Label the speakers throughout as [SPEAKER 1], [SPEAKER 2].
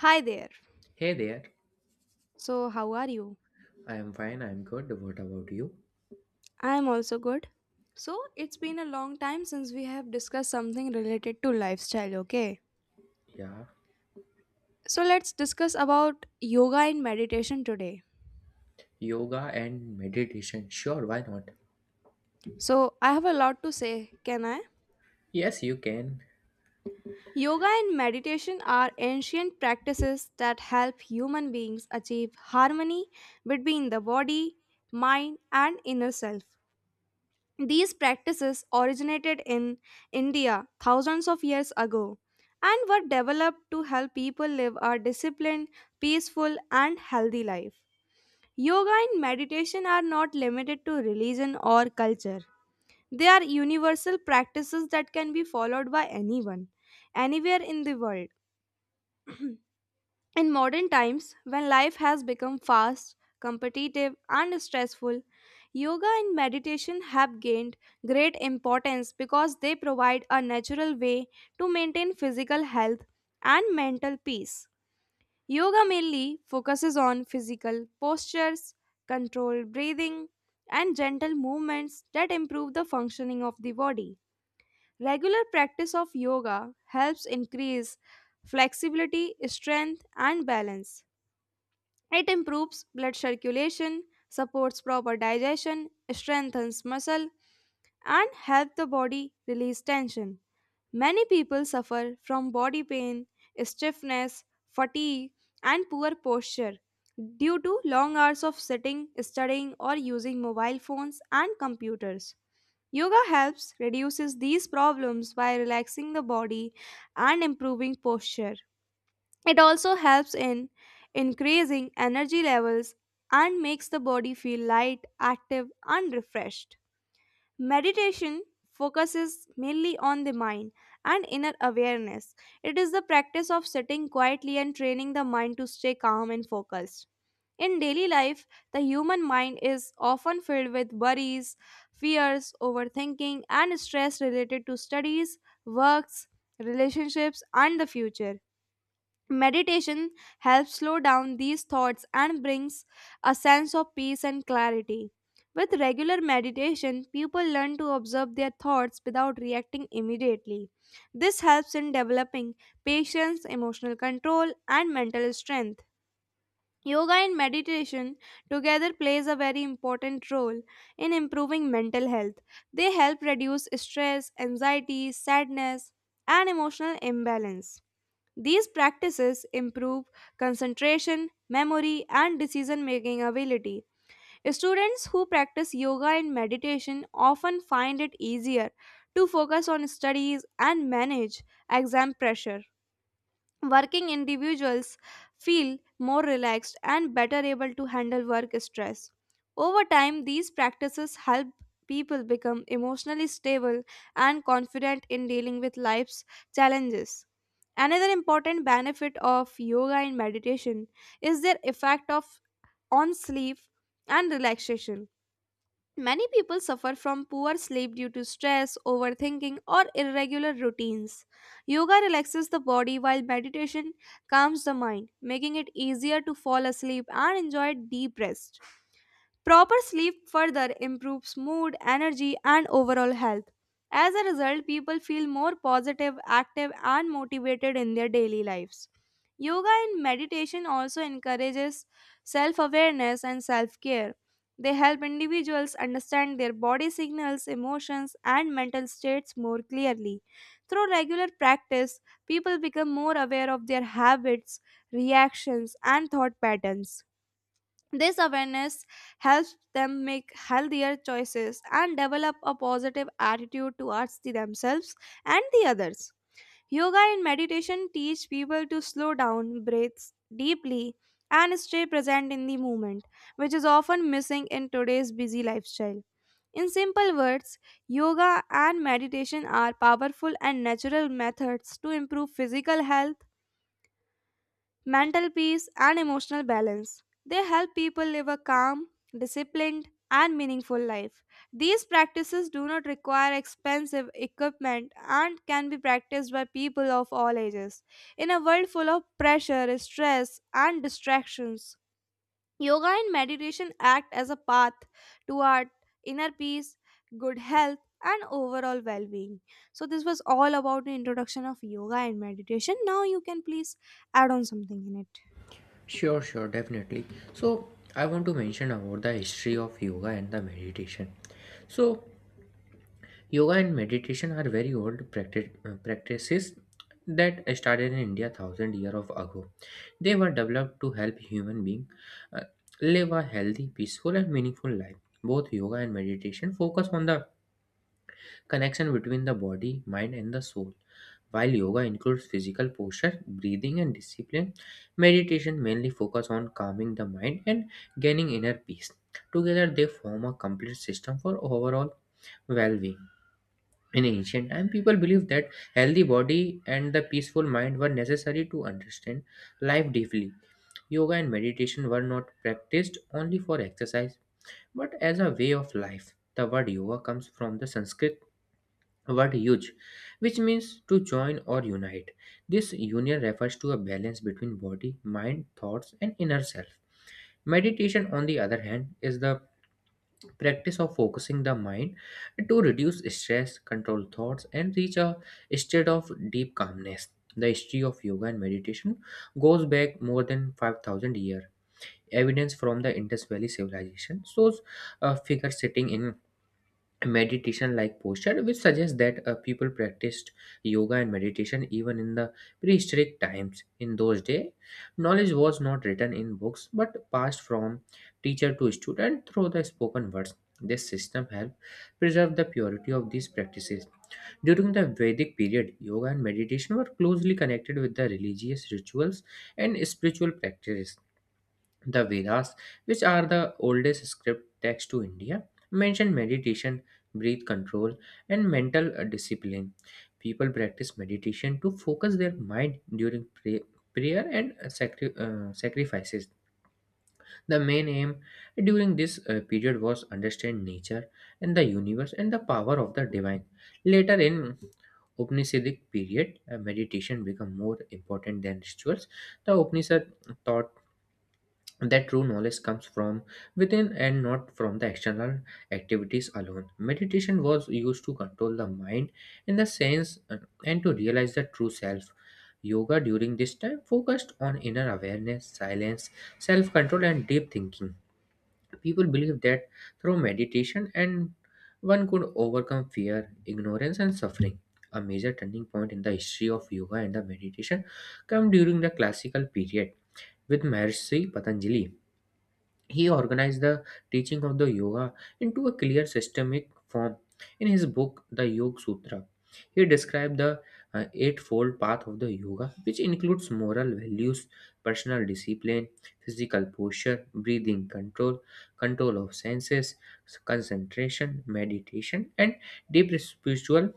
[SPEAKER 1] Hi there.
[SPEAKER 2] Hey there,
[SPEAKER 1] So, how are you?
[SPEAKER 2] I am fine, I am good. What about you?
[SPEAKER 1] I am also good. So, it's been a long time since we have discussed something related to lifestyle, okay?
[SPEAKER 2] Yeah,
[SPEAKER 1] So, let's discuss about yoga and meditation today.
[SPEAKER 2] yoga and meditation. Sure, why not?
[SPEAKER 1] So, I have a lot to say, can I?
[SPEAKER 2] Yes, you can.
[SPEAKER 1] Yoga and meditation are ancient practices that help human beings achieve harmony between the body, mind, and inner self. These practices originated in India thousands of years ago and were developed to help people live a disciplined, peaceful, and healthy life. Yoga and meditation are not limited to religion or culture. They are universal practices that can be followed by anyone, anywhere in the world. In modern times, when life has become fast, competitive, and stressful, yoga and meditation have gained great importance because they provide a natural way to maintain physical health and mental peace. Yoga mainly focuses on physical postures, controlled breathing, and gentle movements that improve the functioning of the body. Regular practice of yoga helps increase flexibility, strength, and balance. It improves blood circulation, supports proper digestion, strengthens muscle, and help the body release tension. Many people suffer from body pain, stiffness, fatigue, and poor posture due to long hours of sitting, studying, or using mobile phones and computers. Yoga helps reduces these problems by relaxing the body and improving posture. It also helps in increasing energy levels and makes the body feel light, active, and refreshed. Meditation focuses mainly on the mind and inner awareness. It is the practice of sitting quietly and training the mind to stay calm and focused. In daily life, the human mind is often filled with worries, fears, overthinking, and stress related to studies, works, relationships, and the future. Meditation helps slow down these thoughts and brings a sense of peace and clarity. With regular meditation, people learn to observe their thoughts without reacting immediately. This helps in developing patience, emotional control, and mental strength. Yoga and meditation together plays a very important role in improving mental health. They help reduce stress, anxiety, sadness, and emotional imbalance. These practices improve concentration, memory, and decision making ability. Students who practice yoga and meditation often find it easier to focus on studies and manage exam pressure. Working individuals feel more relaxed and better able to handle work stress. Over time, these practices help people become emotionally stable and confident in dealing with life's challenges. Another important benefit of yoga and meditation is their effect of on sleep and relaxation. Many people suffer from poor sleep due to stress, overthinking, or irregular routines. Yoga relaxes the body while meditation calms the mind, making it easier to fall asleep and enjoy deep rest. Proper sleep further improves mood, energy, and overall health. As a result, people feel more positive, active, and motivated in their daily lives. Yoga and meditation also encourages self awareness and self care. They help individuals understand their body signals, emotions, and mental states more clearly. Through regular practice, people become more aware of their habits, reactions, and thought patterns. This awareness helps them make healthier choices and develop a positive attitude towards the themselves and the others. Yoga and meditation teach people to slow down, breathe deeply, and stay present in the moment, which is often missing in today's busy lifestyle. In simple words, yoga and meditation are powerful and natural methods to improve physical health, mental peace, and emotional balance. They help people live a calm, disciplined, and meaningful life. These practices do not require expensive equipment and can be practiced by people of all ages. In a world full of pressure, stress, and distractions, yoga and meditation act as a path toward inner peace, good health, and overall well being. So, this was all about the introduction of yoga and meditation. Now, you can please add on something in it.
[SPEAKER 2] Sure, sure, definitely. So, I want to mention about the history of yoga and the meditation. So, yoga and meditation are very old practices that started in India thousand years of ago. They were developed to help human beings live a healthy, peaceful, and meaningful life. Both yoga and meditation focus on the connection between the body, mind, and the soul. While yoga includes physical posture, breathing, and discipline, meditation mainly focuses on calming the mind and gaining inner peace. Together, they form a complete system for overall well being. In ancient time, people believed that healthy body and the peaceful mind were necessary to understand life deeply. Yoga and meditation were not practiced only for exercise, but as a way of life. The word yoga comes from the Sanskrit word huge, which means to join or unite. This union refers to a balance between body, mind, thoughts, and inner self. Meditation, on the other hand, is the practice of focusing the mind to reduce stress, control thoughts, and reach a state of deep calmness. The history of yoga and meditation goes back more than 5,000 years. Evidence from the Indus Valley civilization shows a figure sitting in meditation like posture, which suggests that people practiced yoga and meditation even in the prehistoric times. In those days, knowledge was not written in books but passed from teacher to student through the spoken words. This system helped preserve the purity of these practices. During the Vedic period, yoga and meditation were closely connected with the religious rituals and spiritual practices. The Vedas, which are the oldest script text to India, mention meditation, breath control, and mental discipline. People practice meditation to focus their mind during prayer and sacrifices. The main aim during this period was understand nature and the universe and the power of the divine. Later in Upanishadic period, meditation became more important than rituals. The Upanishad taught that true knowledge comes from within and not from the external activities alone. Meditation was used to control the mind in the sense and to realize the true self. Yoga during this time focused on inner awareness, silence, self control, and deep thinking. People believed that through meditation and one could overcome fear, ignorance, and suffering. A major turning point in the history of yoga and the meditation came during the classical period with Maharishi Patanjali. He organized the teaching of the yoga into a clear systemic form. In his book, The Yoga Sutra, he described the eightfold path of the yoga, which includes moral values, personal discipline, physical posture, breathing control, control of senses, concentration, meditation, and deep spiritual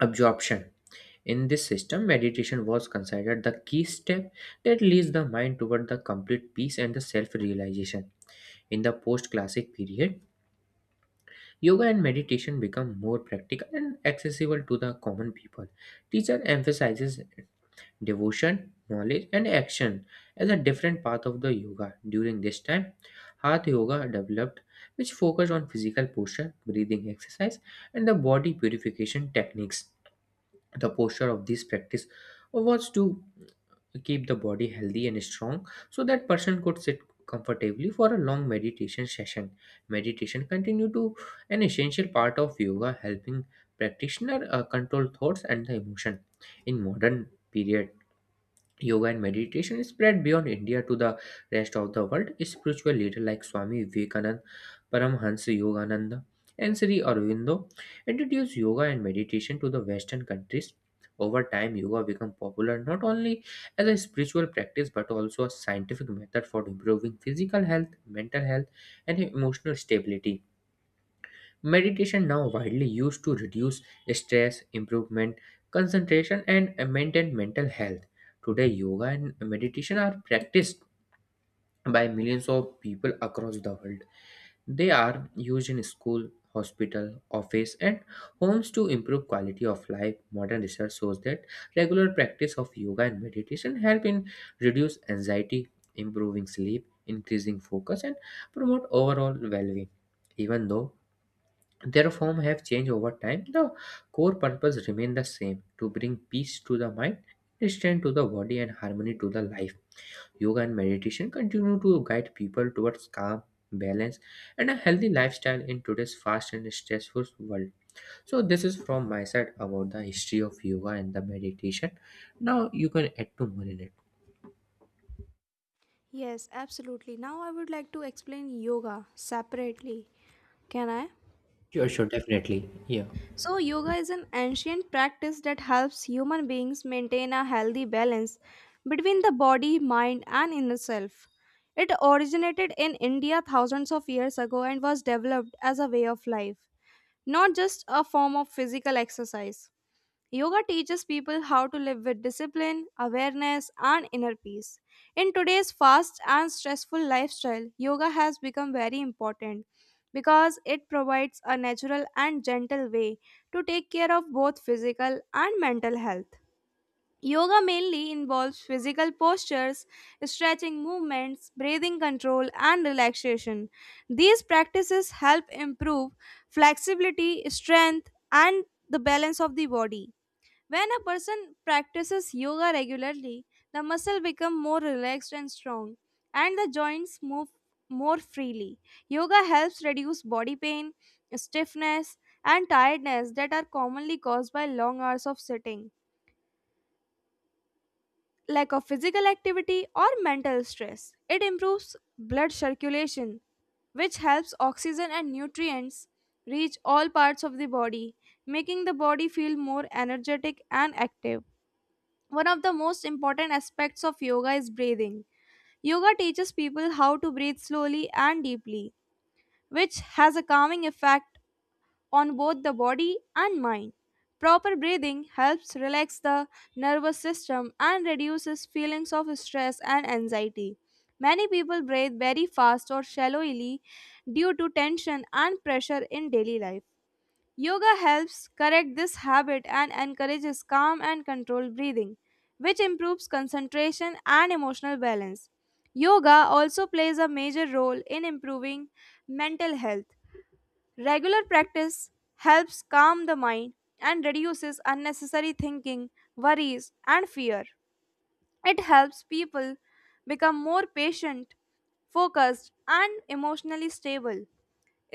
[SPEAKER 2] absorption. In this system, meditation was considered the key step that leads the mind toward the complete peace and the self realization. In the post classic period, yoga and meditation become more practical and accessible to the common people. Teacher emphasizes devotion, knowledge, and action as a different path of the yoga. During this time, Hatha Yoga developed, which focused on physical posture, breathing exercise, and the body purification techniques. The posture of this practice was to keep the body healthy and strong so that person could sit comfortably for a long meditation session. Meditation continue to an essential part of yoga, helping practitioner control thoughts and the emotion. In modern period, Yoga and meditation spread beyond India to the rest of the world. Spiritual leaders like Swami Vivekananda, Paramhansa Yogananda, and Sri Aurobindo introduced yoga and meditation to the Western countries. Over time, yoga became popular not only as a spiritual practice but also a scientific method for improving physical health, mental health, and emotional stability. Meditation now widely used to reduce stress, improvement, concentration, and maintain mental health. Today, yoga and meditation are practiced by millions of people across the world. They are used in school, hospital, office, and homes to improve quality of life. Modern research shows that regular practice of yoga and meditation help in reduce anxiety, improving sleep, increasing focus, and promote overall well-being, even though their form have changed over time. The core purpose remain the same: to bring peace to the mind, strength to the body, and harmony to the life. Yoga and meditation continue to guide people towards calm, balance, and a healthy lifestyle in today's fast and stressful world. So, this is from my side about the history of yoga and the meditation. Now, you can add to more in it.
[SPEAKER 1] Yes, absolutely. Now I would like to explain yoga separately. Can I?
[SPEAKER 2] Sure, sure, definitely. Yeah.
[SPEAKER 1] So, yoga is an ancient practice that helps human beings maintain a healthy balance between the body, mind, and inner self. It originated in India thousands of years ago and was developed as a way of life, not just a form of physical exercise. Yoga teaches people how to live with discipline, awareness, and inner peace. In today's fast and stressful lifestyle, yoga has become very important because it provides a natural and gentle way to take care of both physical and mental health. Yoga mainly involves physical postures, stretching movements, breathing control, and relaxation. These practices help improve flexibility, strength, and the balance of the body. When a person practices yoga regularly, the muscle become more relaxed and strong and the joints move more freely. Yoga helps reduce body pain, stiffness and tiredness that are commonly caused by long hours of sitting, lack of physical activity or mental stress. It improves blood circulation which helps oxygen and nutrients reach all parts of the body, making the body feel more energetic and active. One of the most important aspects of yoga is breathing. Yoga teaches people how to breathe slowly and deeply, which has a calming effect on both the body and mind. Proper breathing helps relax the nervous system and reduces feelings of stress and anxiety. Many people breathe very fast or shallowly due to tension and pressure in daily life. Yoga helps correct this habit and encourages calm and controlled breathing, which improves concentration and emotional balance. Yoga also plays a major role in improving mental health. Regular practice helps calm the mind and reduces unnecessary thinking, worries, and fear. It helps people become more patient, focused, and emotionally stable.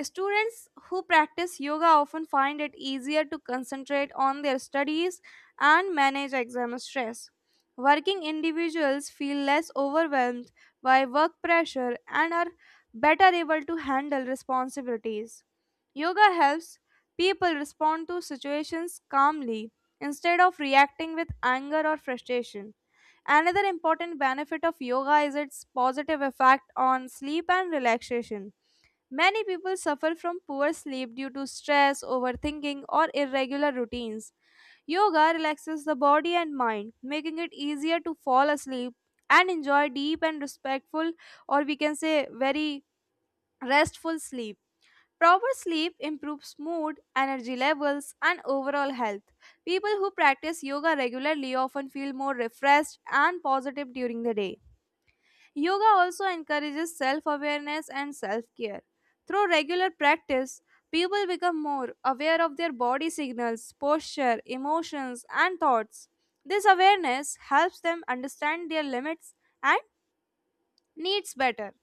[SPEAKER 1] Students who practice yoga often find it easier to concentrate on their studies and manage exam stress. Working individuals feel less overwhelmed by work pressure and are better able to handle responsibilities. Yoga helps people respond to situations calmly instead of reacting with anger or frustration. Another important benefit of yoga is its positive effect on sleep and relaxation. Many people suffer from poor sleep due to stress, overthinking, or irregular routines. Yoga relaxes the body and mind, making it easier to fall asleep and enjoy deep and respectful, or we can say very restful sleep. Proper sleep improves mood, energy levels, and overall health. People who practice yoga regularly often feel more refreshed and positive during the day. Yoga also encourages self awareness and self care. Through regular practice, people become more aware of their body signals, posture, emotions, and thoughts. This awareness helps them understand their limits and needs better.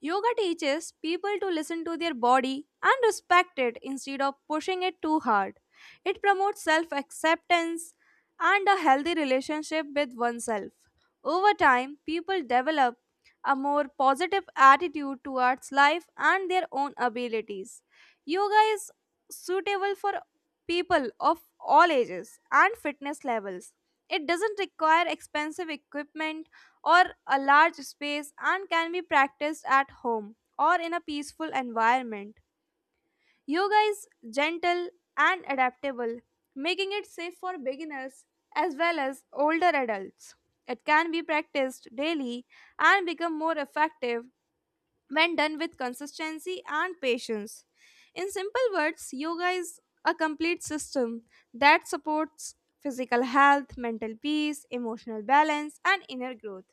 [SPEAKER 1] Yoga teaches people to listen to their body and respect it instead of pushing it too hard. It promotes self acceptance and a healthy relationship with oneself. Over time, people develop a more positive attitude towards life and their own abilities. Yoga is suitable for people of all ages and fitness levels. It doesn't require expensive equipment or a large space and can be practiced at home or in a peaceful environment. Yoga is gentle and adaptable, making it safe for beginners as well as older adults. It can be practiced daily and become more effective when done with consistency and patience. In simple words, yoga is a complete system that supports physical health, mental peace, emotional balance, and inner growth.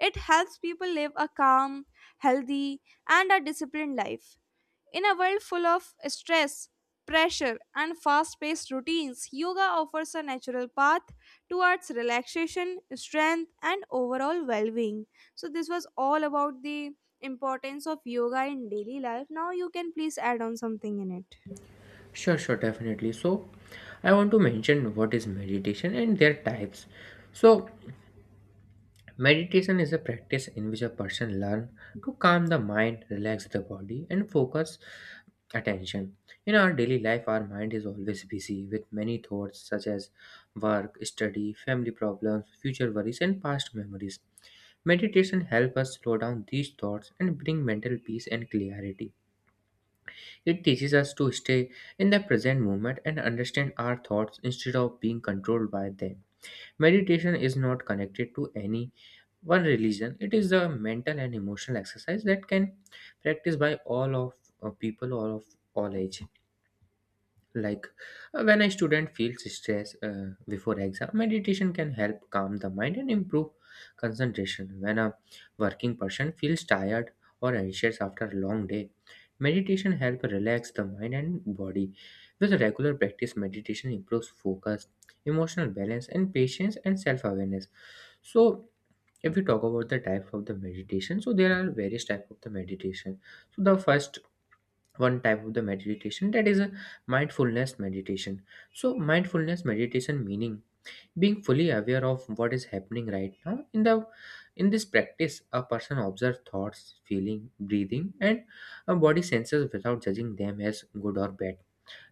[SPEAKER 1] It helps people live a calm, healthy, and a disciplined life. In a world full of stress, pressure, and fast paced routines, yoga offers a natural path towards relaxation, strength, and overall well being. So, this was all about the importance of yoga in daily life. Now, you can please add on something in it.
[SPEAKER 2] Sure, sure, definitely. So, I want to mention what is meditation and their types. So, Meditation is a practice in which a person learns to calm the mind, relax the body, and focus attention. In our daily life, our mind is always busy with many thoughts such as work, study, family problems, future worries, and past memories. Meditation helps us slow down these thoughts and bring mental peace and clarity. It teaches us to stay in the present moment and understand our thoughts instead of being controlled by them. Meditation is not connected to any one religion. It is a mental and emotional exercise that can practice by all of people all age, like when a student feels stress before exam, meditation can help calm the mind and improve concentration. When a working person feels tired or anxious after a long day, meditation help relax the mind and body. With regular practice, meditation improves focus, emotional balance, and patience, and self-awareness. So, if we talk about the types of the meditation, so there are various type of the meditation. So the first one type of the meditation that is a mindfulness meditation. So mindfulness meditation meaning being fully aware of what is happening right now. In the in this practice, a person observes thoughts, feeling, breathing, and body senses without judging them as good or bad.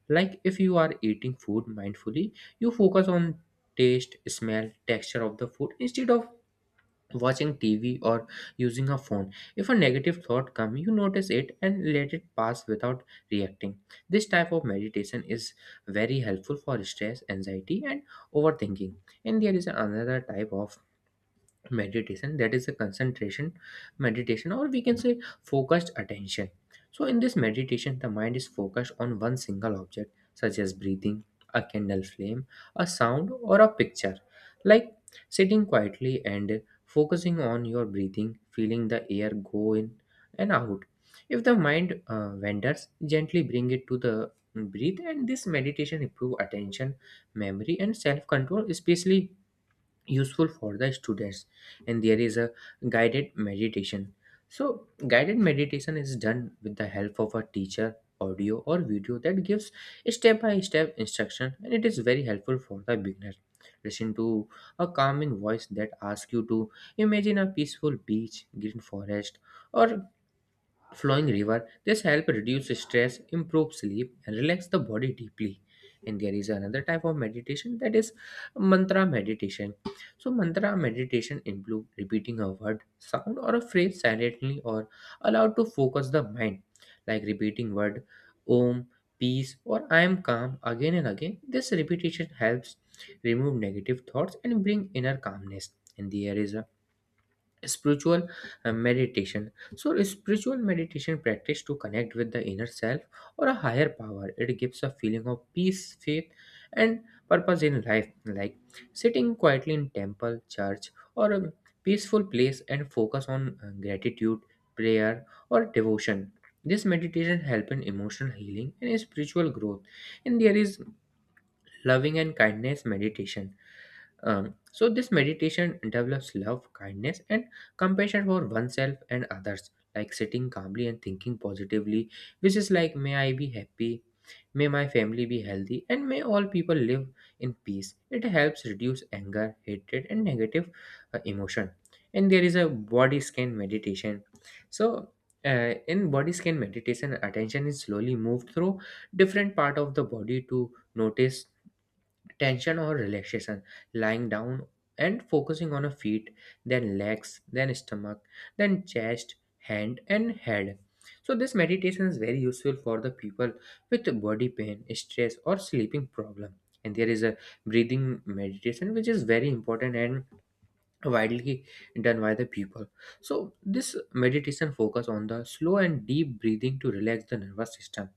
[SPEAKER 2] Like, if you are eating food mindfully, you focus on taste, smell, texture of the food instead of watching TV or using a phone. If a negative thought comes, you notice it and let it pass without reacting. This type of meditation is very helpful for stress, anxiety, and overthinking. And there is another type of meditation, that is a concentration meditation, or we can say focused attention. So in this meditation the mind is focused on one single object such as breathing, a candle flame, a sound, or a picture. Like, sitting quietly and focusing on your breathing, feeling the air go in and out. If the mind wanders, gently bring it to the breathe. And this meditation improve attention, memory, and self control, especially useful for the students. And there is a guided meditation. So guided meditation is done with the help of a teacher, audio, or video that gives step by step instruction, and it is very helpful for the beginner. Listen to a calming voice that asks you to imagine a peaceful beach, green forest, or flowing river. This help reduce stress, improve sleep, and relax the body deeply. And there is another type of meditation, that is mantra meditation. So mantra meditation include repeating a word, sound, or a phrase silently or allowed to focus the mind. Like, repeating word om, peace, or I am calm again and again. This repetition helps remove negative thoughts and bring inner calmness. And there is a spiritual meditation. So a spiritual meditation practice to connect with the inner self or a higher power. It gives a feeling of peace, faith, and purpose in life. Like, sitting quietly in temple, church, or a peaceful place and focus on gratitude, prayer, or devotion. This meditation help in emotional healing and spiritual growth. And there is loving and kindness meditation. So this meditation develops love, kindness, and compassion for oneself and others. Like sitting calmly and thinking positively, which is like, may I be happy, may my family be healthy, and may all people live in peace. It helps reduce anger, hatred, and negative emotion. And there is a body scan meditation. So in body scan meditation, attention is slowly moved through different part of the body to notice tension or relaxation. Lying down and focusing on a feet, then legs, then stomach, then chest, hand, and head. So this meditation is very useful for the people with body pain, stress, or sleeping problem. And there is a breathing meditation, which is very important and widely done by the people. So this meditation focus on the slow and deep breathing to relax the nervous system.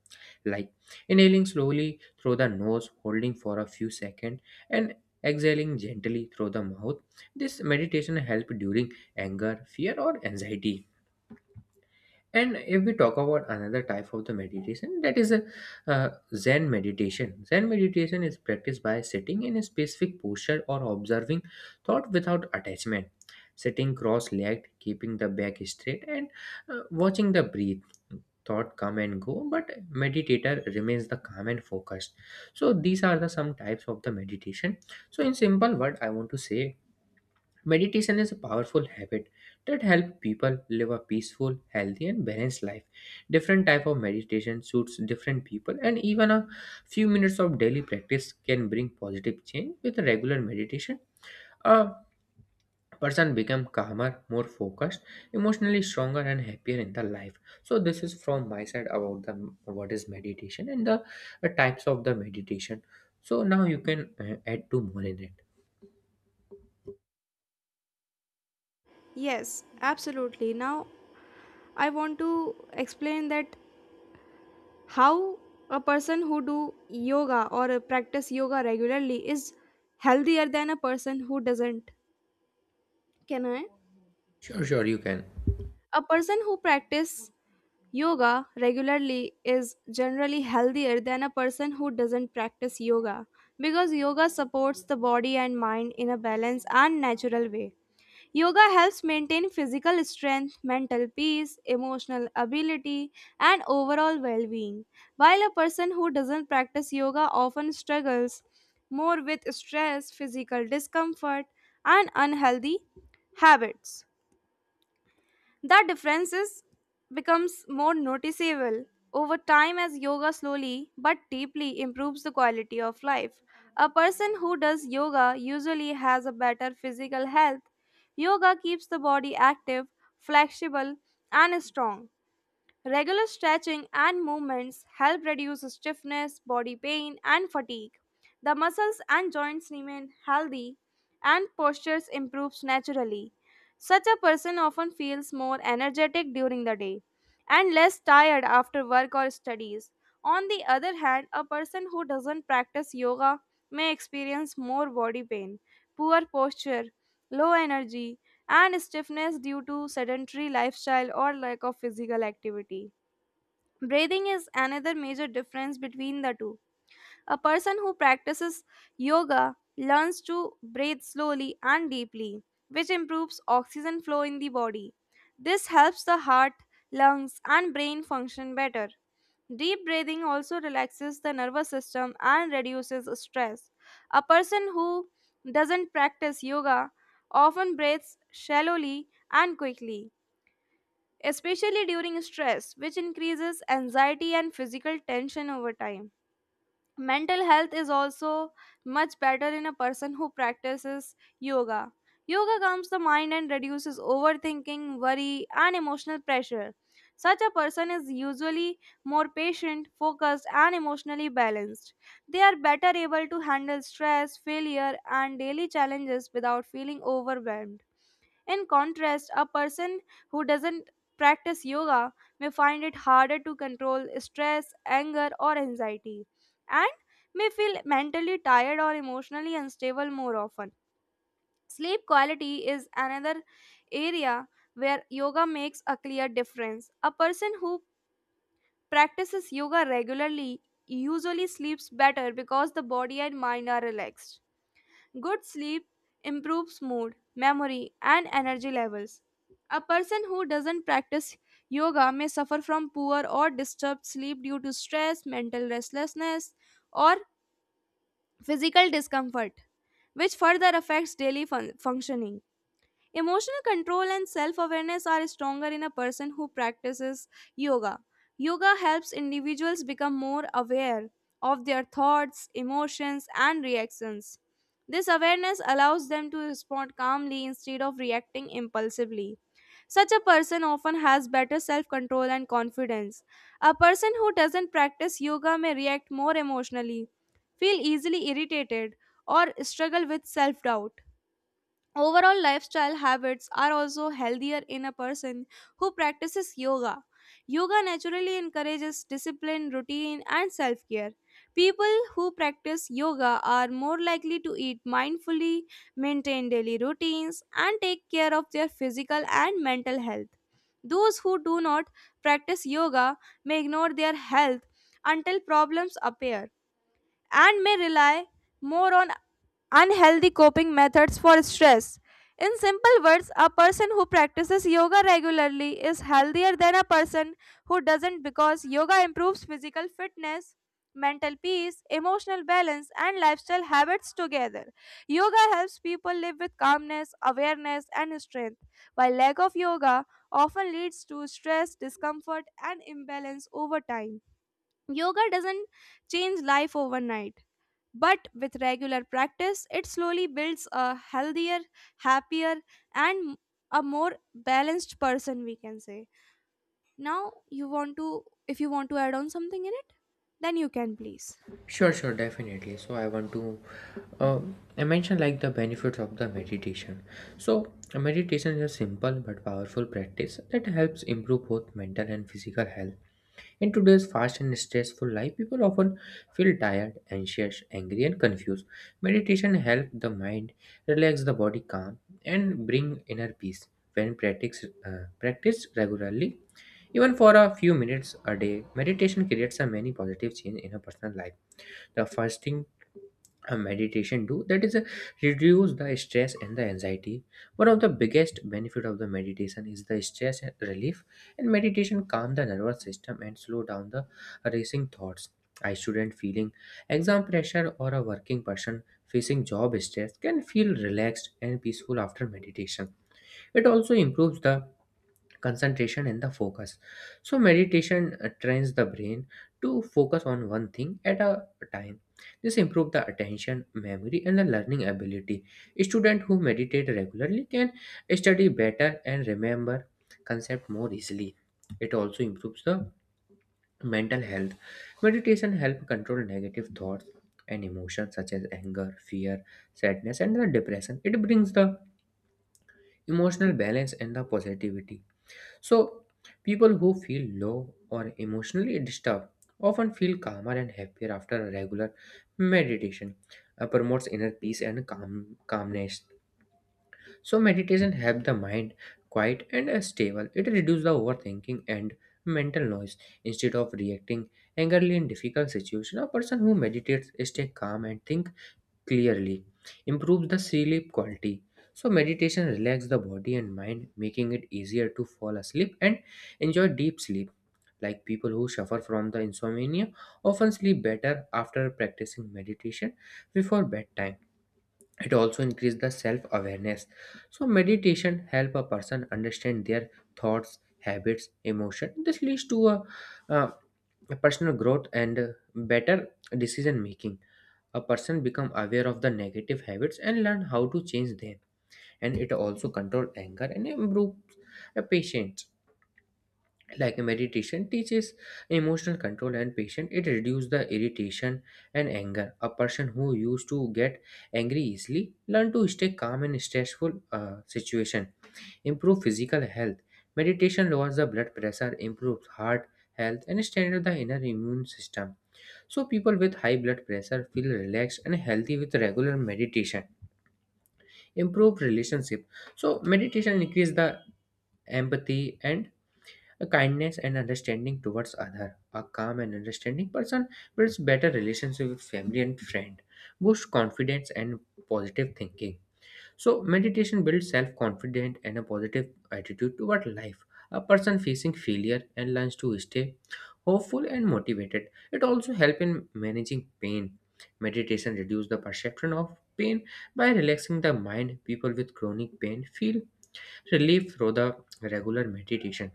[SPEAKER 2] Like, inhaling slowly through the nose, holding for a few seconds, and exhaling gently through the mouth. This meditation help during anger, fear, or anxiety. And if we talk about another type of the meditation, that is a uh, Zen meditation. Zen meditation is practiced by sitting in a specific posture or observing thought without attachment, sitting cross-legged, keeping the back straight, and watching the breath. Thought come and go, but meditator remains the calm and focused. So these are the some types of the meditation. So in simple word, I want to say meditation is a powerful habit that helps people live a peaceful, healthy, and balanced life. Different type of meditation suits different people, and even a few minutes of daily practice can bring positive change. With regular meditation, a person become calmer, more focused, emotionally stronger, and happier in the life. So this is from my side about the what is meditation and the types of the meditation. So now you can add two more in it.
[SPEAKER 1] Yes, absolutely. Now, I want to explain that how a person who do yoga or practice yoga regularly is healthier than a person who doesn't. Can I?
[SPEAKER 2] Sure, sure, you can.
[SPEAKER 1] A person who practices yoga regularly is generally healthier than a person who doesn't practice yoga because yoga supports the body and mind in a balanced and natural way. Yoga helps maintain physical strength, mental peace, emotional ability, and overall well being, while a person who doesn't practice yoga often struggles more with stress, physical discomfort, and unhealthy habits. That difference is becomes more noticeable over time as yoga slowly but deeply improves the quality of life. A person who does yoga usually has a better physical health. Yoga keeps the body active, flexible, and strong. Regular stretching and movements help reduce stiffness, body pain, and fatigue. The muscles and joints remain healthy, and postures improves naturally. Such a person often feels more energetic during the day and less tired after work or studies. On the other hand, a person who doesn't practice yoga may experience more body pain, poor posture, low energy, and stiffness due to sedentary lifestyle or lack of physical activity. Breathing is another major difference between the two. A person who practices yoga learns to breathe slowly and deeply, which improves oxygen flow in the body. This helps the heart, lungs, and brain function better. Deep breathing also relaxes the nervous system and reduces stress. A person who doesn't practice yoga often breathes shallowly and quickly, especially during stress, which increases anxiety and physical tension over time. Mental health is also much better in a person who practices yoga. Yoga calms the mind and reduces overthinking, worry, and emotional pressure. Such a person is usually more patient, focused, and emotionally balanced. They are better able to handle stress, failure, and daily challenges without feeling overwhelmed. In contrast, a person who doesn't practice yoga may find it harder to control stress, anger, or anxiety, and may feel mentally tired or emotionally unstable more often. Sleep quality is another area where yoga makes a clear difference. A person who practices yoga regularly usually sleeps better because the body and mind are relaxed. Good sleep improves mood, memory, and energy levels. A person who doesn't practice yoga may suffer from poor or disturbed sleep due to stress, mental restlessness, or physical discomfort, which further affects daily functioning. Emotional control and self awareness are stronger in a person who practices yoga. Yoga helps individuals become more aware of their thoughts, emotions, and reactions. This awareness allows them to respond calmly instead of reacting impulsively. Such a person often has better self control and confidence. A person who doesn't practice yoga may react more emotionally, feel easily irritated, or struggle with self doubt. Overall lifestyle habits are also healthier in a person who practices yoga. Yoga naturally encourages discipline, routine, and self care. People who practice yoga are more likely to eat mindfully, maintain daily routines, and take care of their physical and mental health. Those who do not practice yoga may ignore their health until problems appear and may rely more on unhealthy coping methods for stress. In simple words, a person who practices yoga regularly is healthier than a person who doesn't because yoga improves physical fitness, mental peace, emotional balance, and lifestyle habits together. Yoga helps people live with calmness, awareness, and strength, while lack of yoga often leads to stress, discomfort, and imbalance over time. Yoga doesn't change life overnight but with regular practice, it slowly builds a healthier, happier, and a more balanced person, we can say. Now, you want to, if you want to add on something in it, then you can please.
[SPEAKER 2] Sure, sure, definitely. So I want to uh, I mention like the benefits of the meditation. So meditation is a simple but powerful practice that helps improve both mental and physical health. In today's fast and stressful life, people often feel tired, anxious, angry, and confused. Meditation helps the mind relax the body, calm, and bring inner peace. When practiced regularly, even for a few minutes a day, meditation creates a many positive change in a personal life. The first thing a meditation do that is a reduce the stress and the anxiety. One of the biggest benefit of the meditation is the stress relief, and meditation calm the nervous system and slow down the racing thoughts. I student feeling exam pressure or a working person facing job stress can feel relaxed and peaceful after meditation. It also improves the concentration and the focus. So meditation trains the brain to focus on one thing at a time. This improves the attention memory and the learning ability. Students who meditate regularly can study better and remember concept more easily. It also improves the mental health. Meditation help control negative thoughts and emotions such as anger, fear, sadness, and the depression. It brings the emotional balance and the positivity. So, people who feel low or emotionally disturbed often feel calmer and happier after a regular meditation. Promotes inner peace and calmness. So, meditation helps the mind quiet and stable. It reduces the overthinking and mental noise. Instead of reacting angrily in difficult situation, a person who meditates stays calm and thinks clearly. Improves the sleep quality. So meditation relaxes the body and mind, making it easier to fall asleep and enjoy deep sleep. Like people who suffer from the insomnia often sleep better after practicing meditation before bedtime. It also increases the self awareness. So meditation help a person understand their thoughts, habits, emotion. This leads to uh, a personal growth and better decision making. A person become aware of the negative habits and learn how to change them. And it also control anger and improve the patience. Like meditation teaches emotional control and patience. It reduces the irritation and anger. A person who used to get angry easily learn to stay calm in stressful situation. Improve physical health. Meditation lowers the blood pressure, improves heart health, and strengthens the inner immune system. So, people with high blood pressure feel relaxed and healthy with regular meditation. Improve relationship. So, meditation increase the empathy and kindness and understanding towards other. A calm and understanding person builds better relationship with family and friend. Boost confidence and positive thinking. So, meditation builds self confidence and a positive attitude toward life. A person facing failure and learns to stay hopeful and motivated. It also helps in managing pain. Meditation reduces the perception of pain by relaxing the mind. People with chronic pain feel relief through the regular meditation.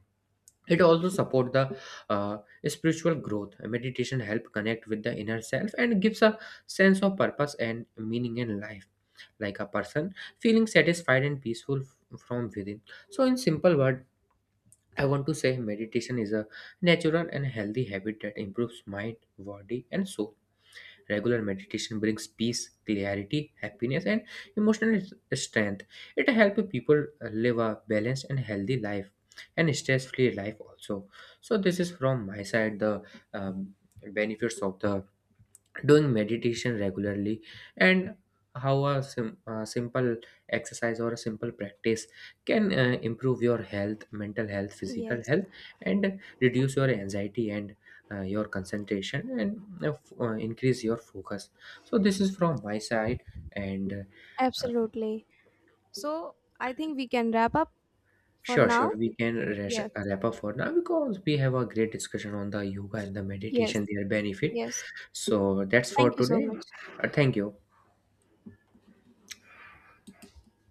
[SPEAKER 2] It also supports the uh, spiritual growth. Meditation helps connect with the inner self and gives a sense of purpose and meaning in life, like a person feeling satisfied and peaceful from within. So, in simple word, I want to say meditation is a natural and healthy habit that improves mind, body, and soul. Regular meditation brings peace, clarity, happiness, and emotional strength. It helps people live a balanced and healthy life and stress free life also. So, this is from my side the um, benefits of the doing meditation regularly, and how a simple exercise or a simple practice can improve your health, mental health, physical
[SPEAKER 1] Yes.
[SPEAKER 2] health, and reduce your anxiety and your concentration and increase your focus. So this is from my side, and uh,
[SPEAKER 1] Absolutely. So, I think we can wrap up for
[SPEAKER 2] sure, sure,
[SPEAKER 1] now.
[SPEAKER 2] we can
[SPEAKER 1] Yes.
[SPEAKER 2] wrap up for now, because we have a great discussion on the yoga and the
[SPEAKER 1] Yes.
[SPEAKER 2] meditation their benefit.
[SPEAKER 1] Yes.
[SPEAKER 2] So that's for
[SPEAKER 1] Thank you so
[SPEAKER 2] today.
[SPEAKER 1] much.
[SPEAKER 2] Thank you